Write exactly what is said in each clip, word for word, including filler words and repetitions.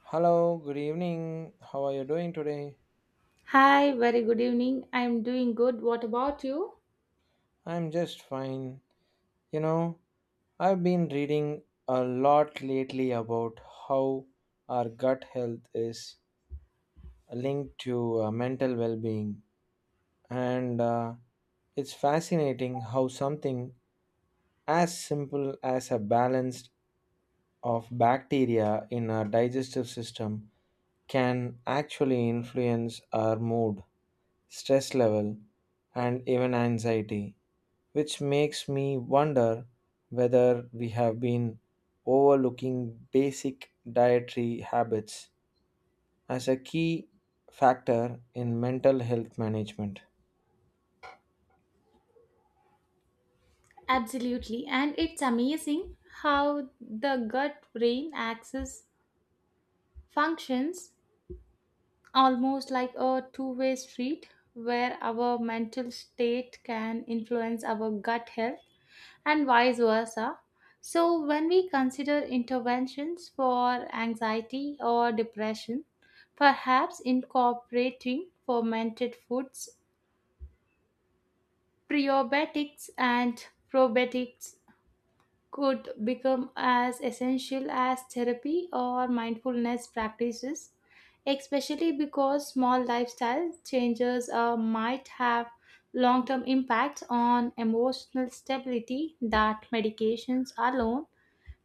Hello, good evening. How are you doing today? Hi, very good evening. I'm doing good. What about you? I'm just fine. You know, I've been reading a lot lately about how our gut health is linked to uh, mental well being, and uh, it's fascinating how something as simple as a balance of bacteria in our digestive system can actually influence our mood, stress level, and even anxiety, which makes me wonder whether we have been overlooking basic dietary habits as a key factor in mental health management. Absolutely. And it's amazing how the gut brain axis functions almost like a two way street where our mental state can influence our gut health and vice versa. So, when we consider interventions for anxiety or depression, perhaps incorporating fermented foods Prebiotics and probiotics could become as essential as therapy or mindfulness practices, especially because small lifestyle changes uh, might have long term impacts on emotional stability that medications alone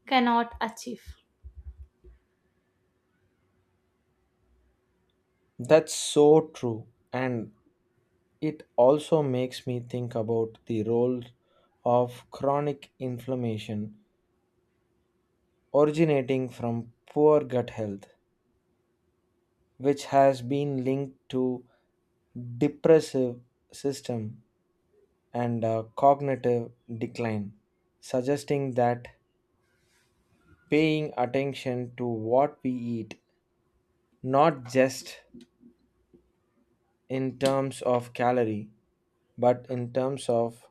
cannot achieve. That's so true, and it also makes me think about the role of chronic inflammation originating from poor gut health, which has been linked to depressive system and uh, cognitive decline, suggesting that paying attention to what we eat, not just in terms of calorie, but in terms of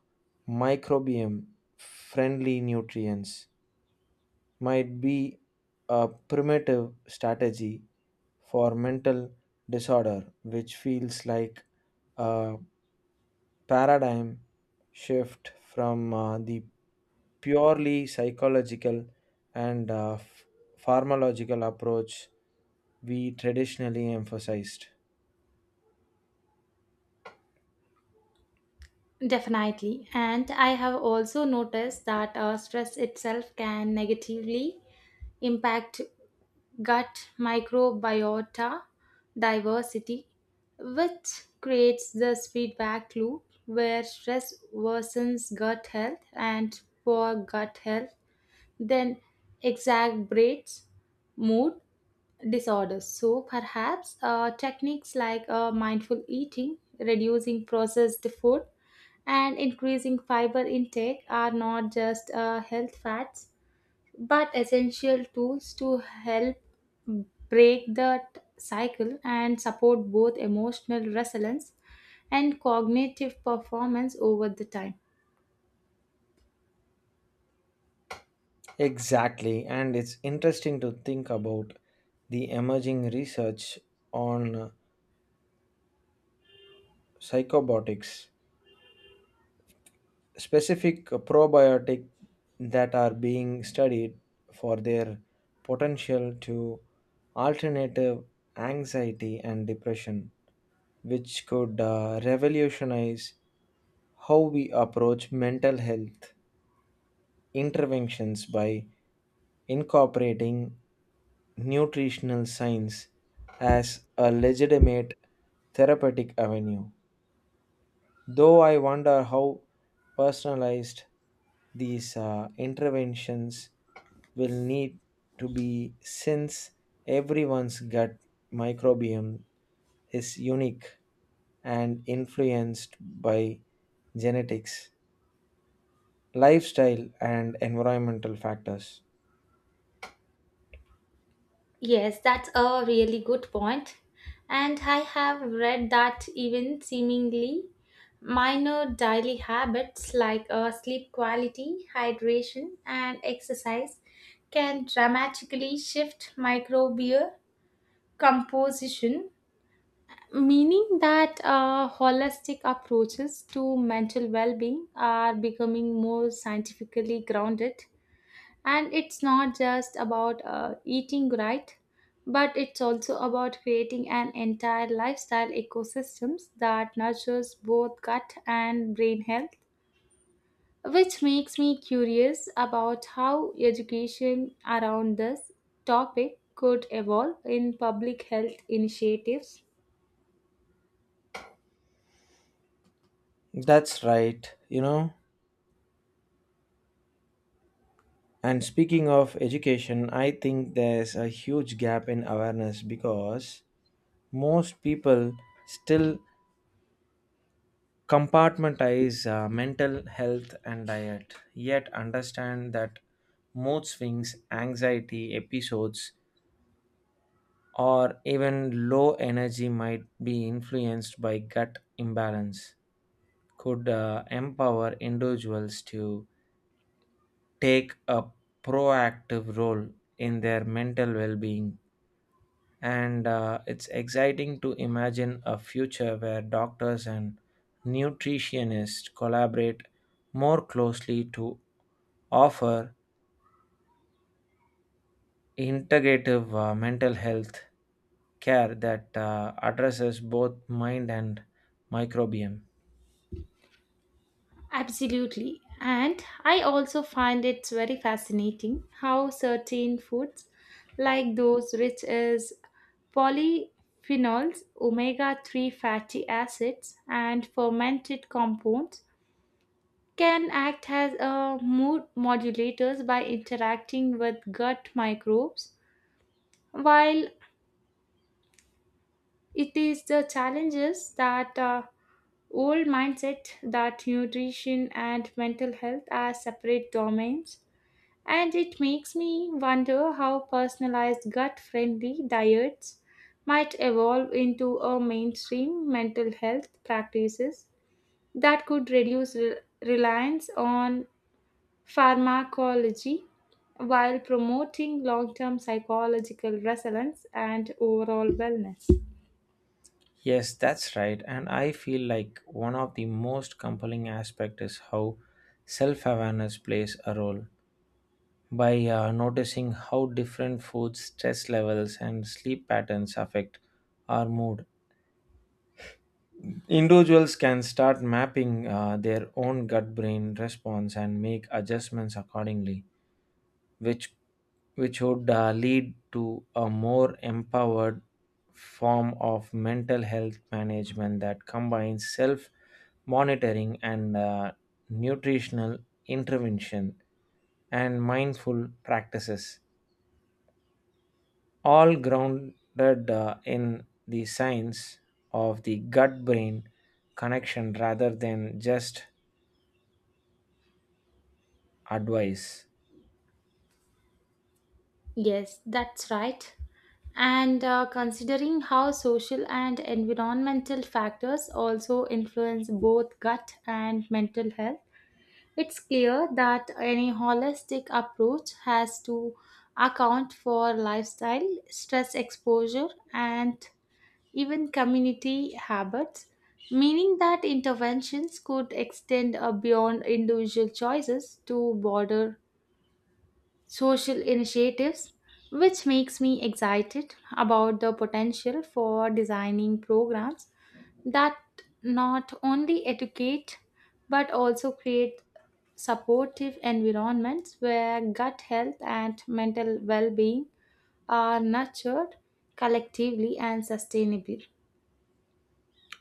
microbiome friendly nutrients, might be a primitive strategy for mental disorder, which feels like a paradigm shift from uh, the purely psychological and uh, f- pharmacological approach we traditionally emphasized. Definitely. And I have also noticed that uh, stress itself can negatively impact gut microbiota diversity, which creates this feedback loop where stress worsens gut health and poor gut health then exacerbates mood disorders. So perhaps uh, techniques like uh, mindful eating, reducing processed food, and increasing fiber intake are not just uh, health fads but essential tools to help break that cycle and support both emotional resilience and cognitive performance over the time. Exactly, and it's interesting to think about the emerging research on psychobiotics, specific probiotic that are being studied for their potential to alternative anxiety and depression, which could uh, revolutionize how we approach mental health interventions by incorporating nutritional science as a legitimate therapeutic avenue. Though I wonder how personalized these uh, interventions will need to be since everyone's gut microbiome is unique and influenced by genetics, lifestyle and environmental factors. Yes, that's a really good point. And I have read that even seemingly minor daily habits like uh, sleep quality, hydration, and exercise can dramatically shift microbial composition. Meaning that uh, holistic approaches to mental well being are becoming more scientifically grounded. And it's not just about uh, eating right, but it's also about creating an entire lifestyle ecosystems that nurtures both gut and brain health, which makes me curious about how education around this topic could evolve in public health initiatives. That's right, you know. And speaking of education, I think there's a huge gap in awareness because most people still compartmentalize uh, mental health and diet, yet understand that mood swings, anxiety episodes, or even low energy might be influenced by gut imbalance. Could uh, empower individuals to take a proactive role in their mental well being. And uh, it's exciting to imagine a future where doctors and nutritionists collaborate more closely to offer integrative uh, mental health care that uh, addresses both mind and microbiome. Absolutely. And I also find it's very fascinating how certain foods, like those rich as polyphenols, omega three fatty acids, and fermented compounds, can act as a mood modulators by interacting with gut microbes. While it is the challenges that uh, old mindset that nutrition and mental health are separate domains. And it makes me wonder how personalized gut friendly diets might evolve into a mainstream mental health practices that could reduce re- reliance on pharmacology while promoting long term psychological resilience and overall wellness. Yes, that's right. And I feel like one of the most compelling aspects is how self awareness plays a role by uh, noticing how different foods, stress levels, and sleep patterns affect our mood. Individuals can start mapping uh, their own gut brain response and make adjustments accordingly, which, which would uh, lead to a more empowered form of mental health management that combines self monitoring and uh, nutritional intervention and mindful practices, all grounded uh, in the science of the gut brain connection rather than just advice. Yes, that's right. And uh, considering how social and environmental factors also influence both gut and mental health, it's clear that any holistic approach has to account for lifestyle, stress exposure, and even community habits, meaning that interventions could extend uh, beyond individual choices to broader social initiatives, which makes me excited about the potential for designing programs that not only educate but also create supportive environments where gut health and mental well-being are nurtured collectively and sustainably.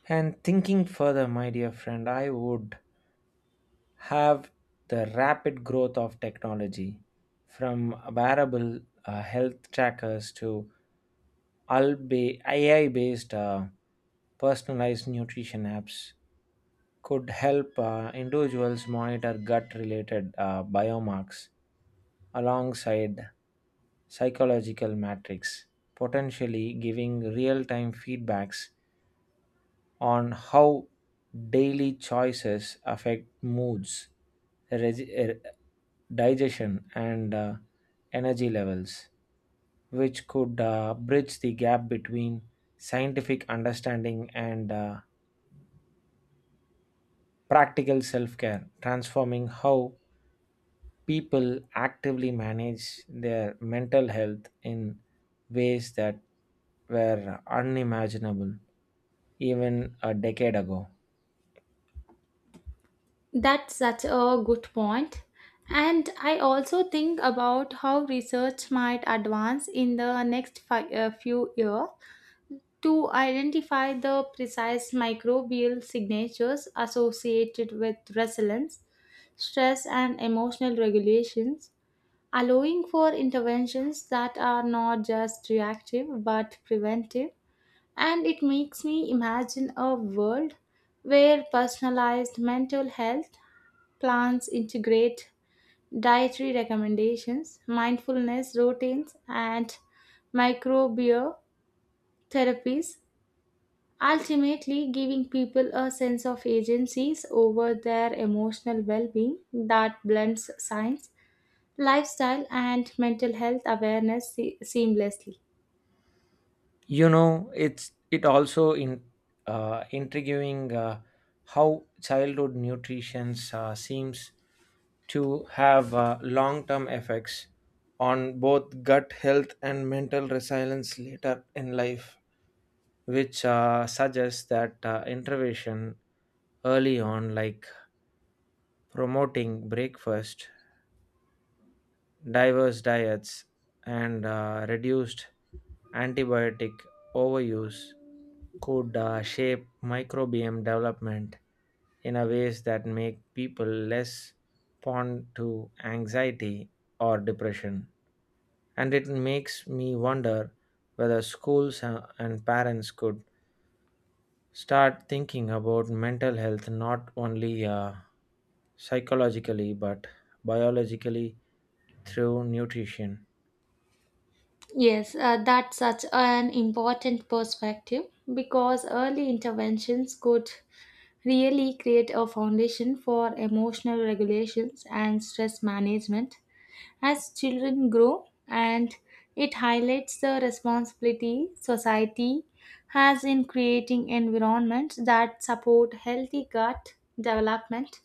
And thinking further, my dear friend, I would have the rapid growth of technology from wearable uh, health trackers to A I based uh, personalized nutrition apps could help uh, individuals monitor gut related uh, biomarks alongside psychological matrix, potentially giving real time feedbacks on how daily choices affect moods, regi- er, digestion, and uh, energy levels, which could uh, bridge the gap between scientific understanding and uh, practical self care, transforming how people actively manage their mental health in ways that were unimaginable even a decade ago. That's such a good point. And I also think about how research might advance in the next fi- uh, few years to identify the precise microbial signatures associated with resilience, stress, and emotional regulations, allowing for interventions that are not just reactive but preventive. And it makes me imagine a world where personalized mental health plans integrate dietary recommendations, mindfulness routines, and microbial therapies. Ultimately, giving people a sense of agency over their emotional well being that blends science, lifestyle, and mental health awareness se- seamlessly. You know, it's it also in uh, intriguing uh, how childhood nutrition uh, seems to have uh, long-term effects on both gut health and mental resilience later in life, which uh, suggests that uh, intervention early on, like promoting breakfast, diverse diets, and uh, reduced antibiotic overuse, could uh, shape microbiome development in a ways that make people less prone to anxiety or depression. And it makes me wonder whether schools uh, and parents could start thinking about mental health not only uh, psychologically but biologically through nutrition. Yes, uh, that's such an important perspective because early interventions could really create a foundation for emotional regulations and stress management as children grow, and it highlights the responsibility society has in creating environments that support healthy gut development.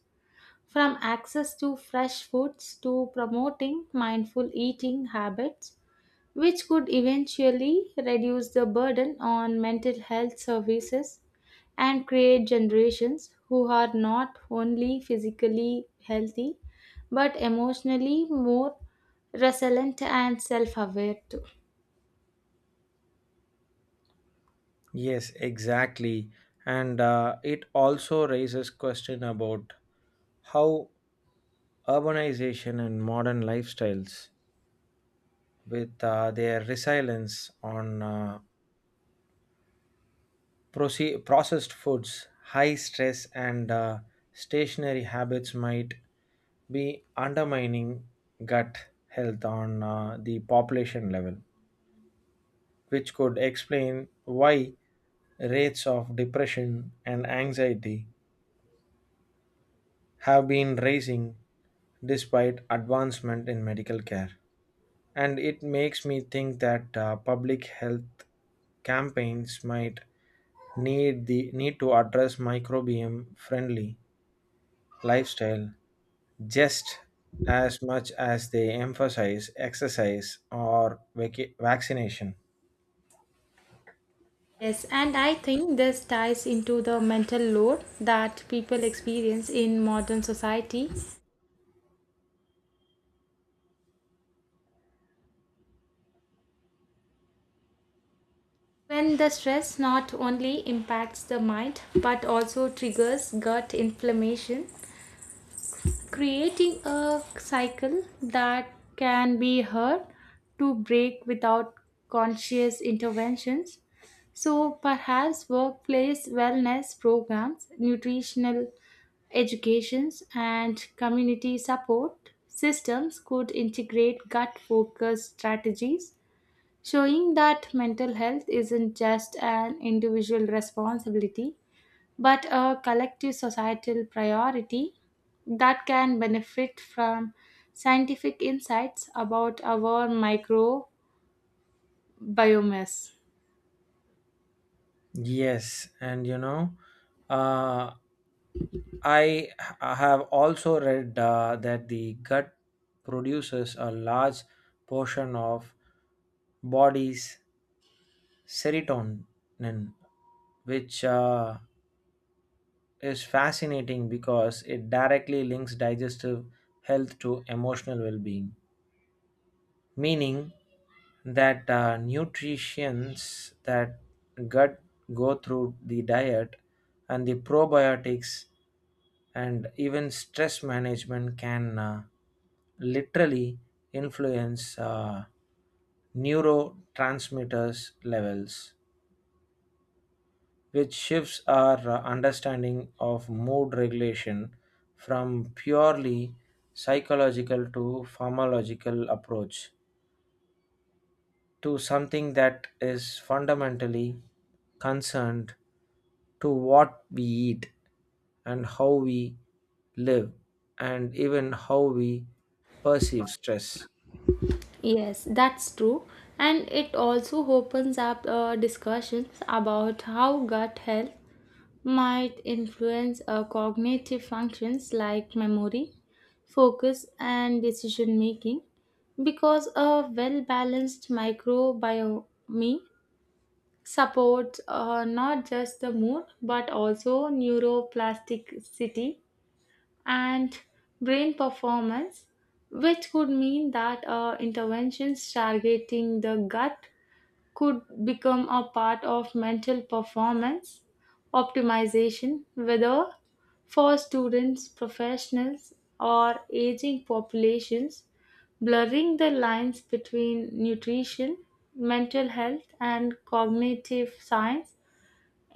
From access to fresh foods to promoting mindful eating habits, which could eventually reduce the burden on mental health services and create generations who are not only physically healthy but emotionally more resilient and self aware too. Yes, exactly, and uh, it also raises question about how urbanization and modern lifestyles with uh, their resilience on uh, Proce- processed foods, high stress, and uh, stationary habits might be undermining gut health on uh, the population level, which could explain why rates of depression and anxiety have been rising despite advancement in medical care. And it makes me think that uh, public health campaigns might need the need to address microbiome friendly lifestyle just as much as they emphasize exercise or vac- vaccination. Yes, and I think this ties into the mental load that people experience in modern society when the stress not only impacts the mind but also triggers gut inflammation creating a cycle that can be hard to break without conscious interventions. So, perhaps workplace wellness programs, nutritional educations, and community support systems could integrate gut focused strategies, showing that mental health isn't just an individual responsibility but a collective societal priority that can benefit from scientific insights about our microbiomes. Yes, and you know, uh, I h- have also read uh, that the gut produces a large portion of body's serotonin, which uh, is fascinating because it directly links digestive health to emotional well being, meaning that uh, nutrients that gut go through the diet and the probiotics and even stress management can uh, literally influence uh, neurotransmitters levels, which shifts our uh, understanding of mood regulation from purely psychological to pharmacological approach to something that is fundamentally concerned to what we eat and how we live and even how we perceive stress. Yes, that's true. And it also opens up uh, discussions about how gut health might influence uh, cognitive functions like memory, focus, and decision making because a well balanced microbiome supports uh, not just the mood but also neuroplasticity and brain performance, which could mean that uh, interventions targeting the gut could become a part of mental performance optimization, whether for students, professionals, or aging populations, blurring the lines between nutrition, mental health, and cognitive science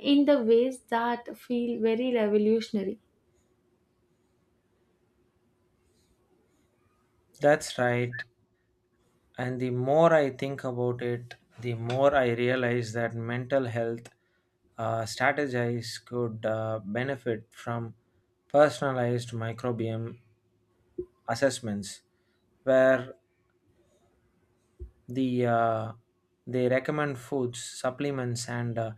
in the ways that feel very revolutionary. That's right. And the more I think about it, the more I realize that mental health uh, strategies could uh, benefit from personalized microbiome assessments, where the uh, they recommend foods supplements and uh,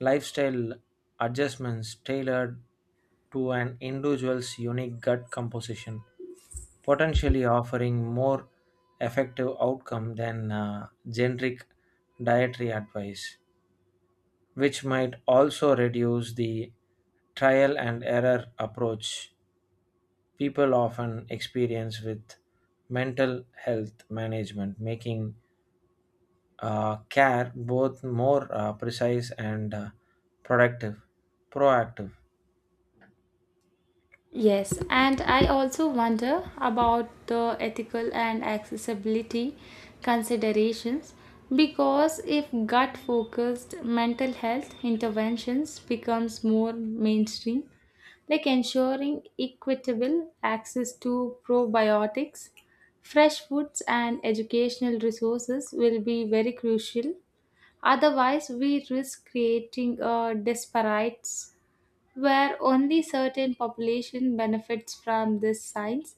lifestyle adjustments tailored to an individual's unique gut composition, potentially offering more effective outcome than uh, generic dietary advice, which might also reduce the trial and error approach people often experience with mental health management, making uh, care both more uh, precise and uh, productive proactive. Yes, and I also wonder about the ethical and accessibility considerations because if gut focused mental health interventions becomes more mainstream, like ensuring equitable access to probiotics, fresh foods and educational resources will be very crucial, otherwise we risk creating a disparate where only certain population benefits from this science,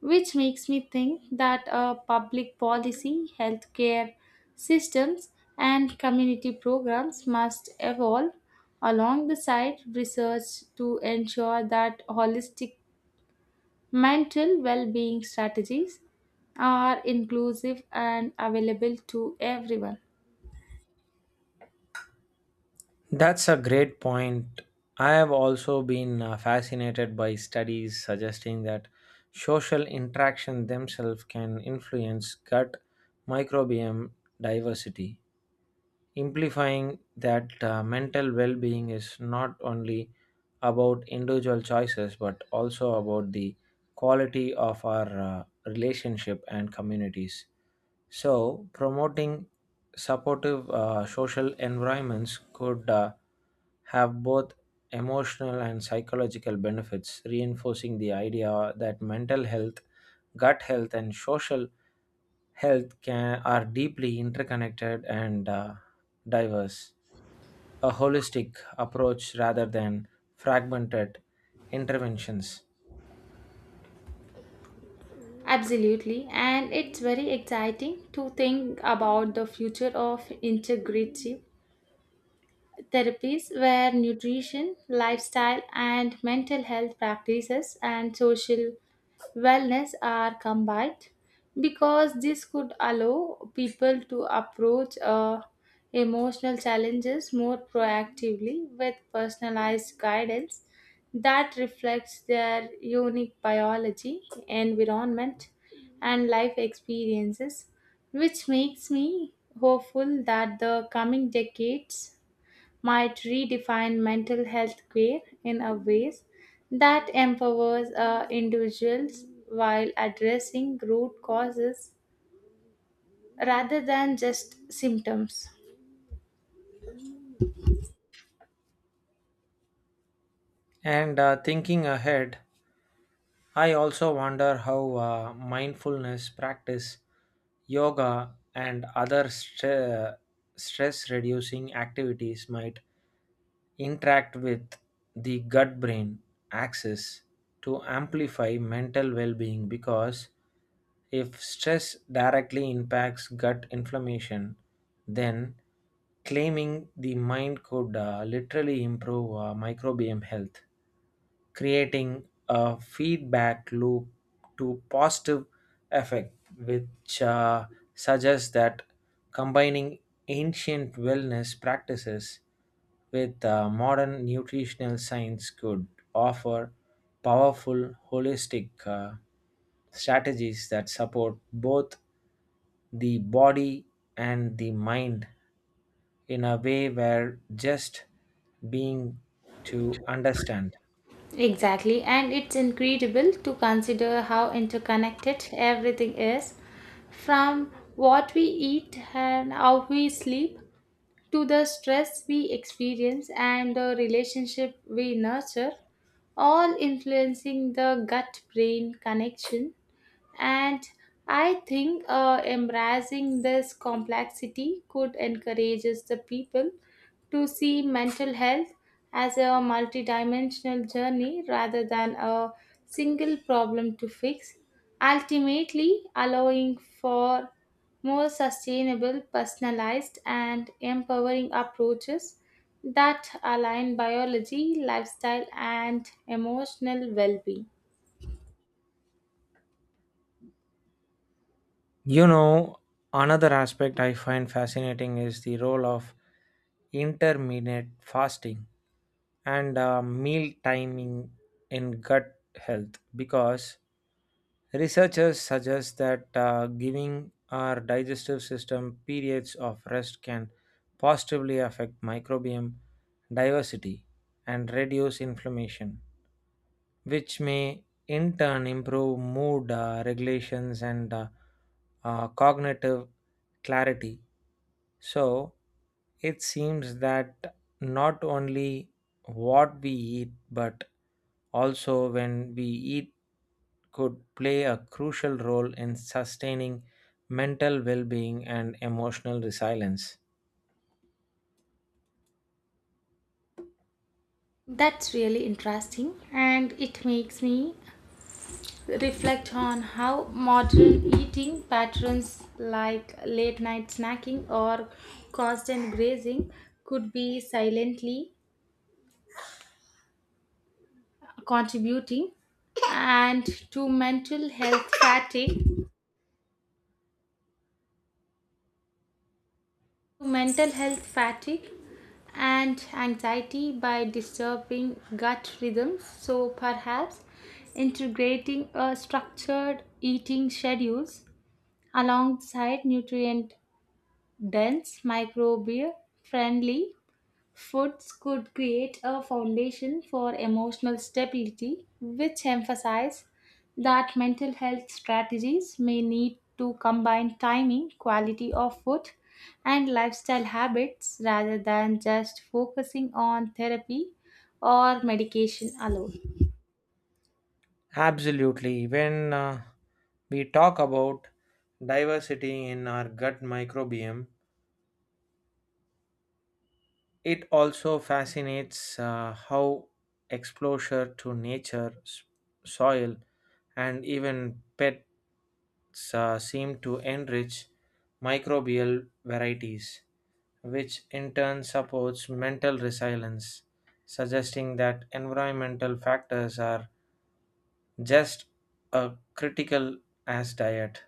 which makes me think that uh, public policy healthcare systems and community programs must evolve along the side research to ensure that holistic mental well-being strategies are inclusive and available to everyone. That's a great point. I have also been uh, fascinated by studies suggesting that social interaction themselves can influence gut microbiome diversity, implifying that uh, mental well being is not only about individual choices but also about the quality of our uh, relationship and communities. So, promoting supportive uh, social environments could uh, have both emotional and psychological benefits, reinforcing the idea that mental health, gut health, and social health can are deeply interconnected and uh, diverse. A holistic approach rather than fragmented interventions. Absolutely, and it's very exciting to think about the future of integrity therapies where nutrition, lifestyle, and mental health practices and social wellness are combined, because this could allow people to approach uh, emotional challenges more proactively with personalized guidance that reflects their unique biology, environment, and life experiences, which makes me hopeful that the coming decades might redefine mental health care in a ways that empowers uh, individuals while addressing root causes rather than just symptoms. And uh, thinking ahead, I also wonder how uh, mindfulness practice, yoga, and other stre- stress reducing activities might interact with the gut brain axis to amplify mental well being, because if stress directly impacts gut inflammation, then claiming the mind could uh, literally improve uh, microbiome health, creating a feedback loop to positive effect, which uh, suggests that combining ancient wellness practices with uh, modern nutritional science could offer powerful holistic uh, strategies that support both the body and the mind in a way where just being to understand. Exactly, and it's incredible to consider how interconnected everything is, from what we eat and how we sleep to the stress we experience and the relationship we nurture, all influencing the gut brain connection. And I think uh, embracing this complexity could encourage the people to see mental health as a multidimensional journey rather than a single problem to fix, ultimately allowing for more sustainable, personalized, and empowering approaches that align biology, lifestyle, and emotional well being. You know, another aspect I find fascinating is the role of intermittent fasting and uh, meal timing in gut health, because researchers suggest that uh, giving our digestive system periods of rest can positively affect microbiome diversity and reduce inflammation, which may in turn improve mood uh, regulations and uh, uh, cognitive clarity. So it seems that not only what we eat, but also when we eat could play a crucial role in sustaining mental well being and emotional resilience. That's really interesting, and it makes me reflect on how modern eating patterns like late night snacking or constant grazing could be silently contributing and to mental health fatigue to mental health fatigue and anxiety by disturbing gut rhythms, so perhaps integrating a structured eating schedules alongside nutrient dense, microbial friendly foods could create a foundation for emotional stability, which emphasize that mental health strategies may need to combine timing, quality of food, and lifestyle habits rather than just focusing on therapy or medication alone. Absolutely. When uh, we talk about diversity in our gut microbiome, it also fascinates uh, how exposure to nature, s- soil, and even pets uh, seem to enrich microbial varieties, which in turn supports mental resilience, suggesting that environmental factors are just as critical as diet,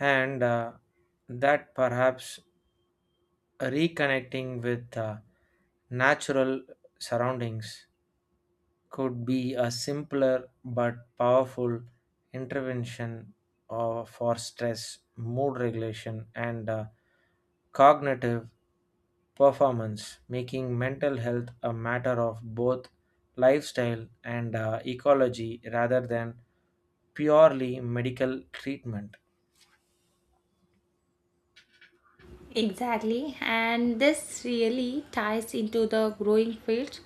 and uh, that perhaps reconnecting with uh, natural surroundings could be a simpler but powerful intervention uh, for stress, mood regulation, and uh, cognitive performance, making mental health a matter of both lifestyle and uh, ecology rather than purely medical treatment. Exactly, and this really ties into the growing field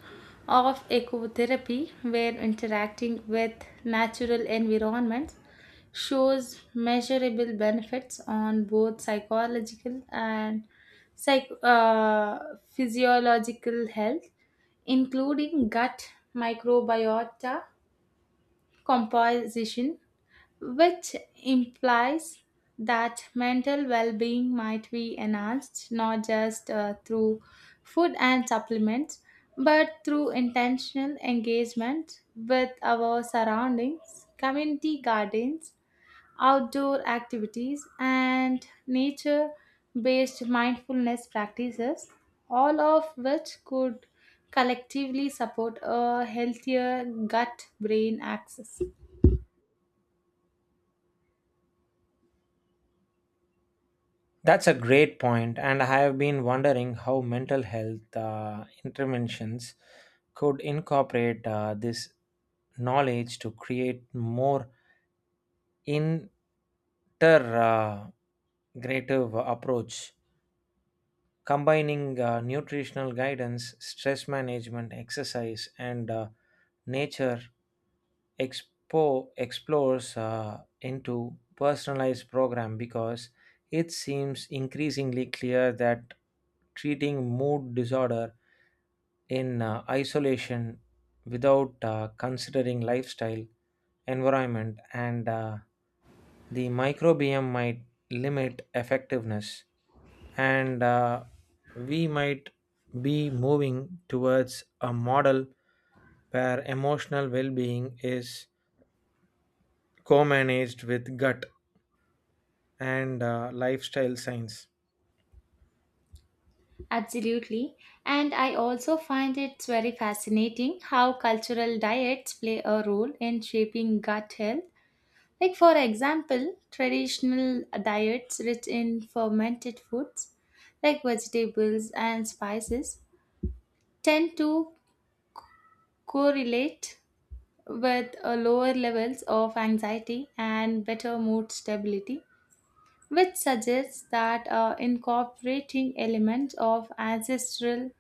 of ecotherapy, where interacting with natural environments shows measurable benefits on both psychological and psych- uh, physiological health, including gut microbiota composition, which implies that mental well being might be enhanced not just uh, through food and supplements but through intentional engagement with our surroundings, community gardens, outdoor activities, and nature based mindfulness practices, all of which could collectively support a healthier gut brain axis. That's a great point, and I have been wondering how mental health uh, interventions could incorporate uh, this knowledge to create more integrative approach, combining uh, nutritional guidance, stress management, exercise, and uh, nature expo explores uh, into personalized program, because it seems increasingly clear that treating mood disorder in uh, isolation without uh, considering lifestyle environment and uh, the microbiome might limit effectiveness, and uh, we might be moving towards a model where emotional well being is co managed with gut and uh, lifestyle science. Absolutely. And I also find it's very fascinating how cultural diets play a role in shaping gut health. Like, for example, traditional diets rich in fermented foods like vegetables and spices tend to correlate with uh, lower levels of anxiety and better mood stability, which suggests that uh, incorporating elements of ancestral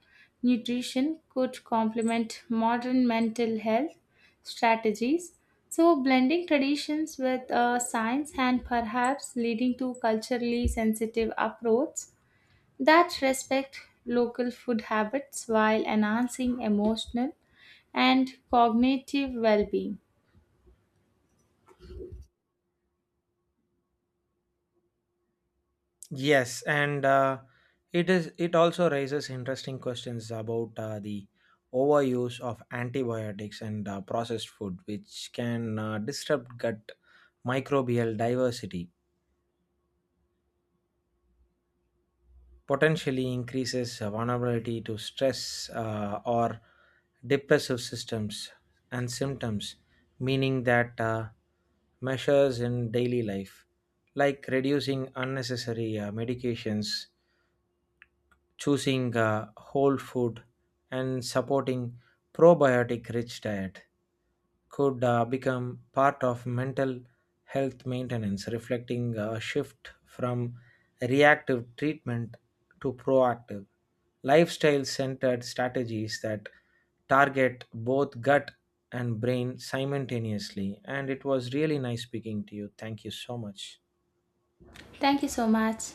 nutrition could complement modern mental health strategies. So, blending traditions with uh, science and perhaps leading to culturally sensitive approach that respect local food habits while enhancing emotional and cognitive well-being. Yes, and uh, it is. It also raises interesting questions about uh, the overuse of antibiotics and uh, processed food, which can uh, disrupt gut microbial diversity, potentially increases vulnerability to stress uh, or depressive systems and symptoms, meaning that uh, measures in daily life, like reducing unnecessary uh, medications, choosing uh, whole food and supporting probiotic rich diet could uh, become part of mental health maintenance, reflecting a shift from reactive treatment to proactive lifestyle centered strategies that target both gut and brain simultaneously. And it was really nice speaking to you. Thank you so much. Thank you so much.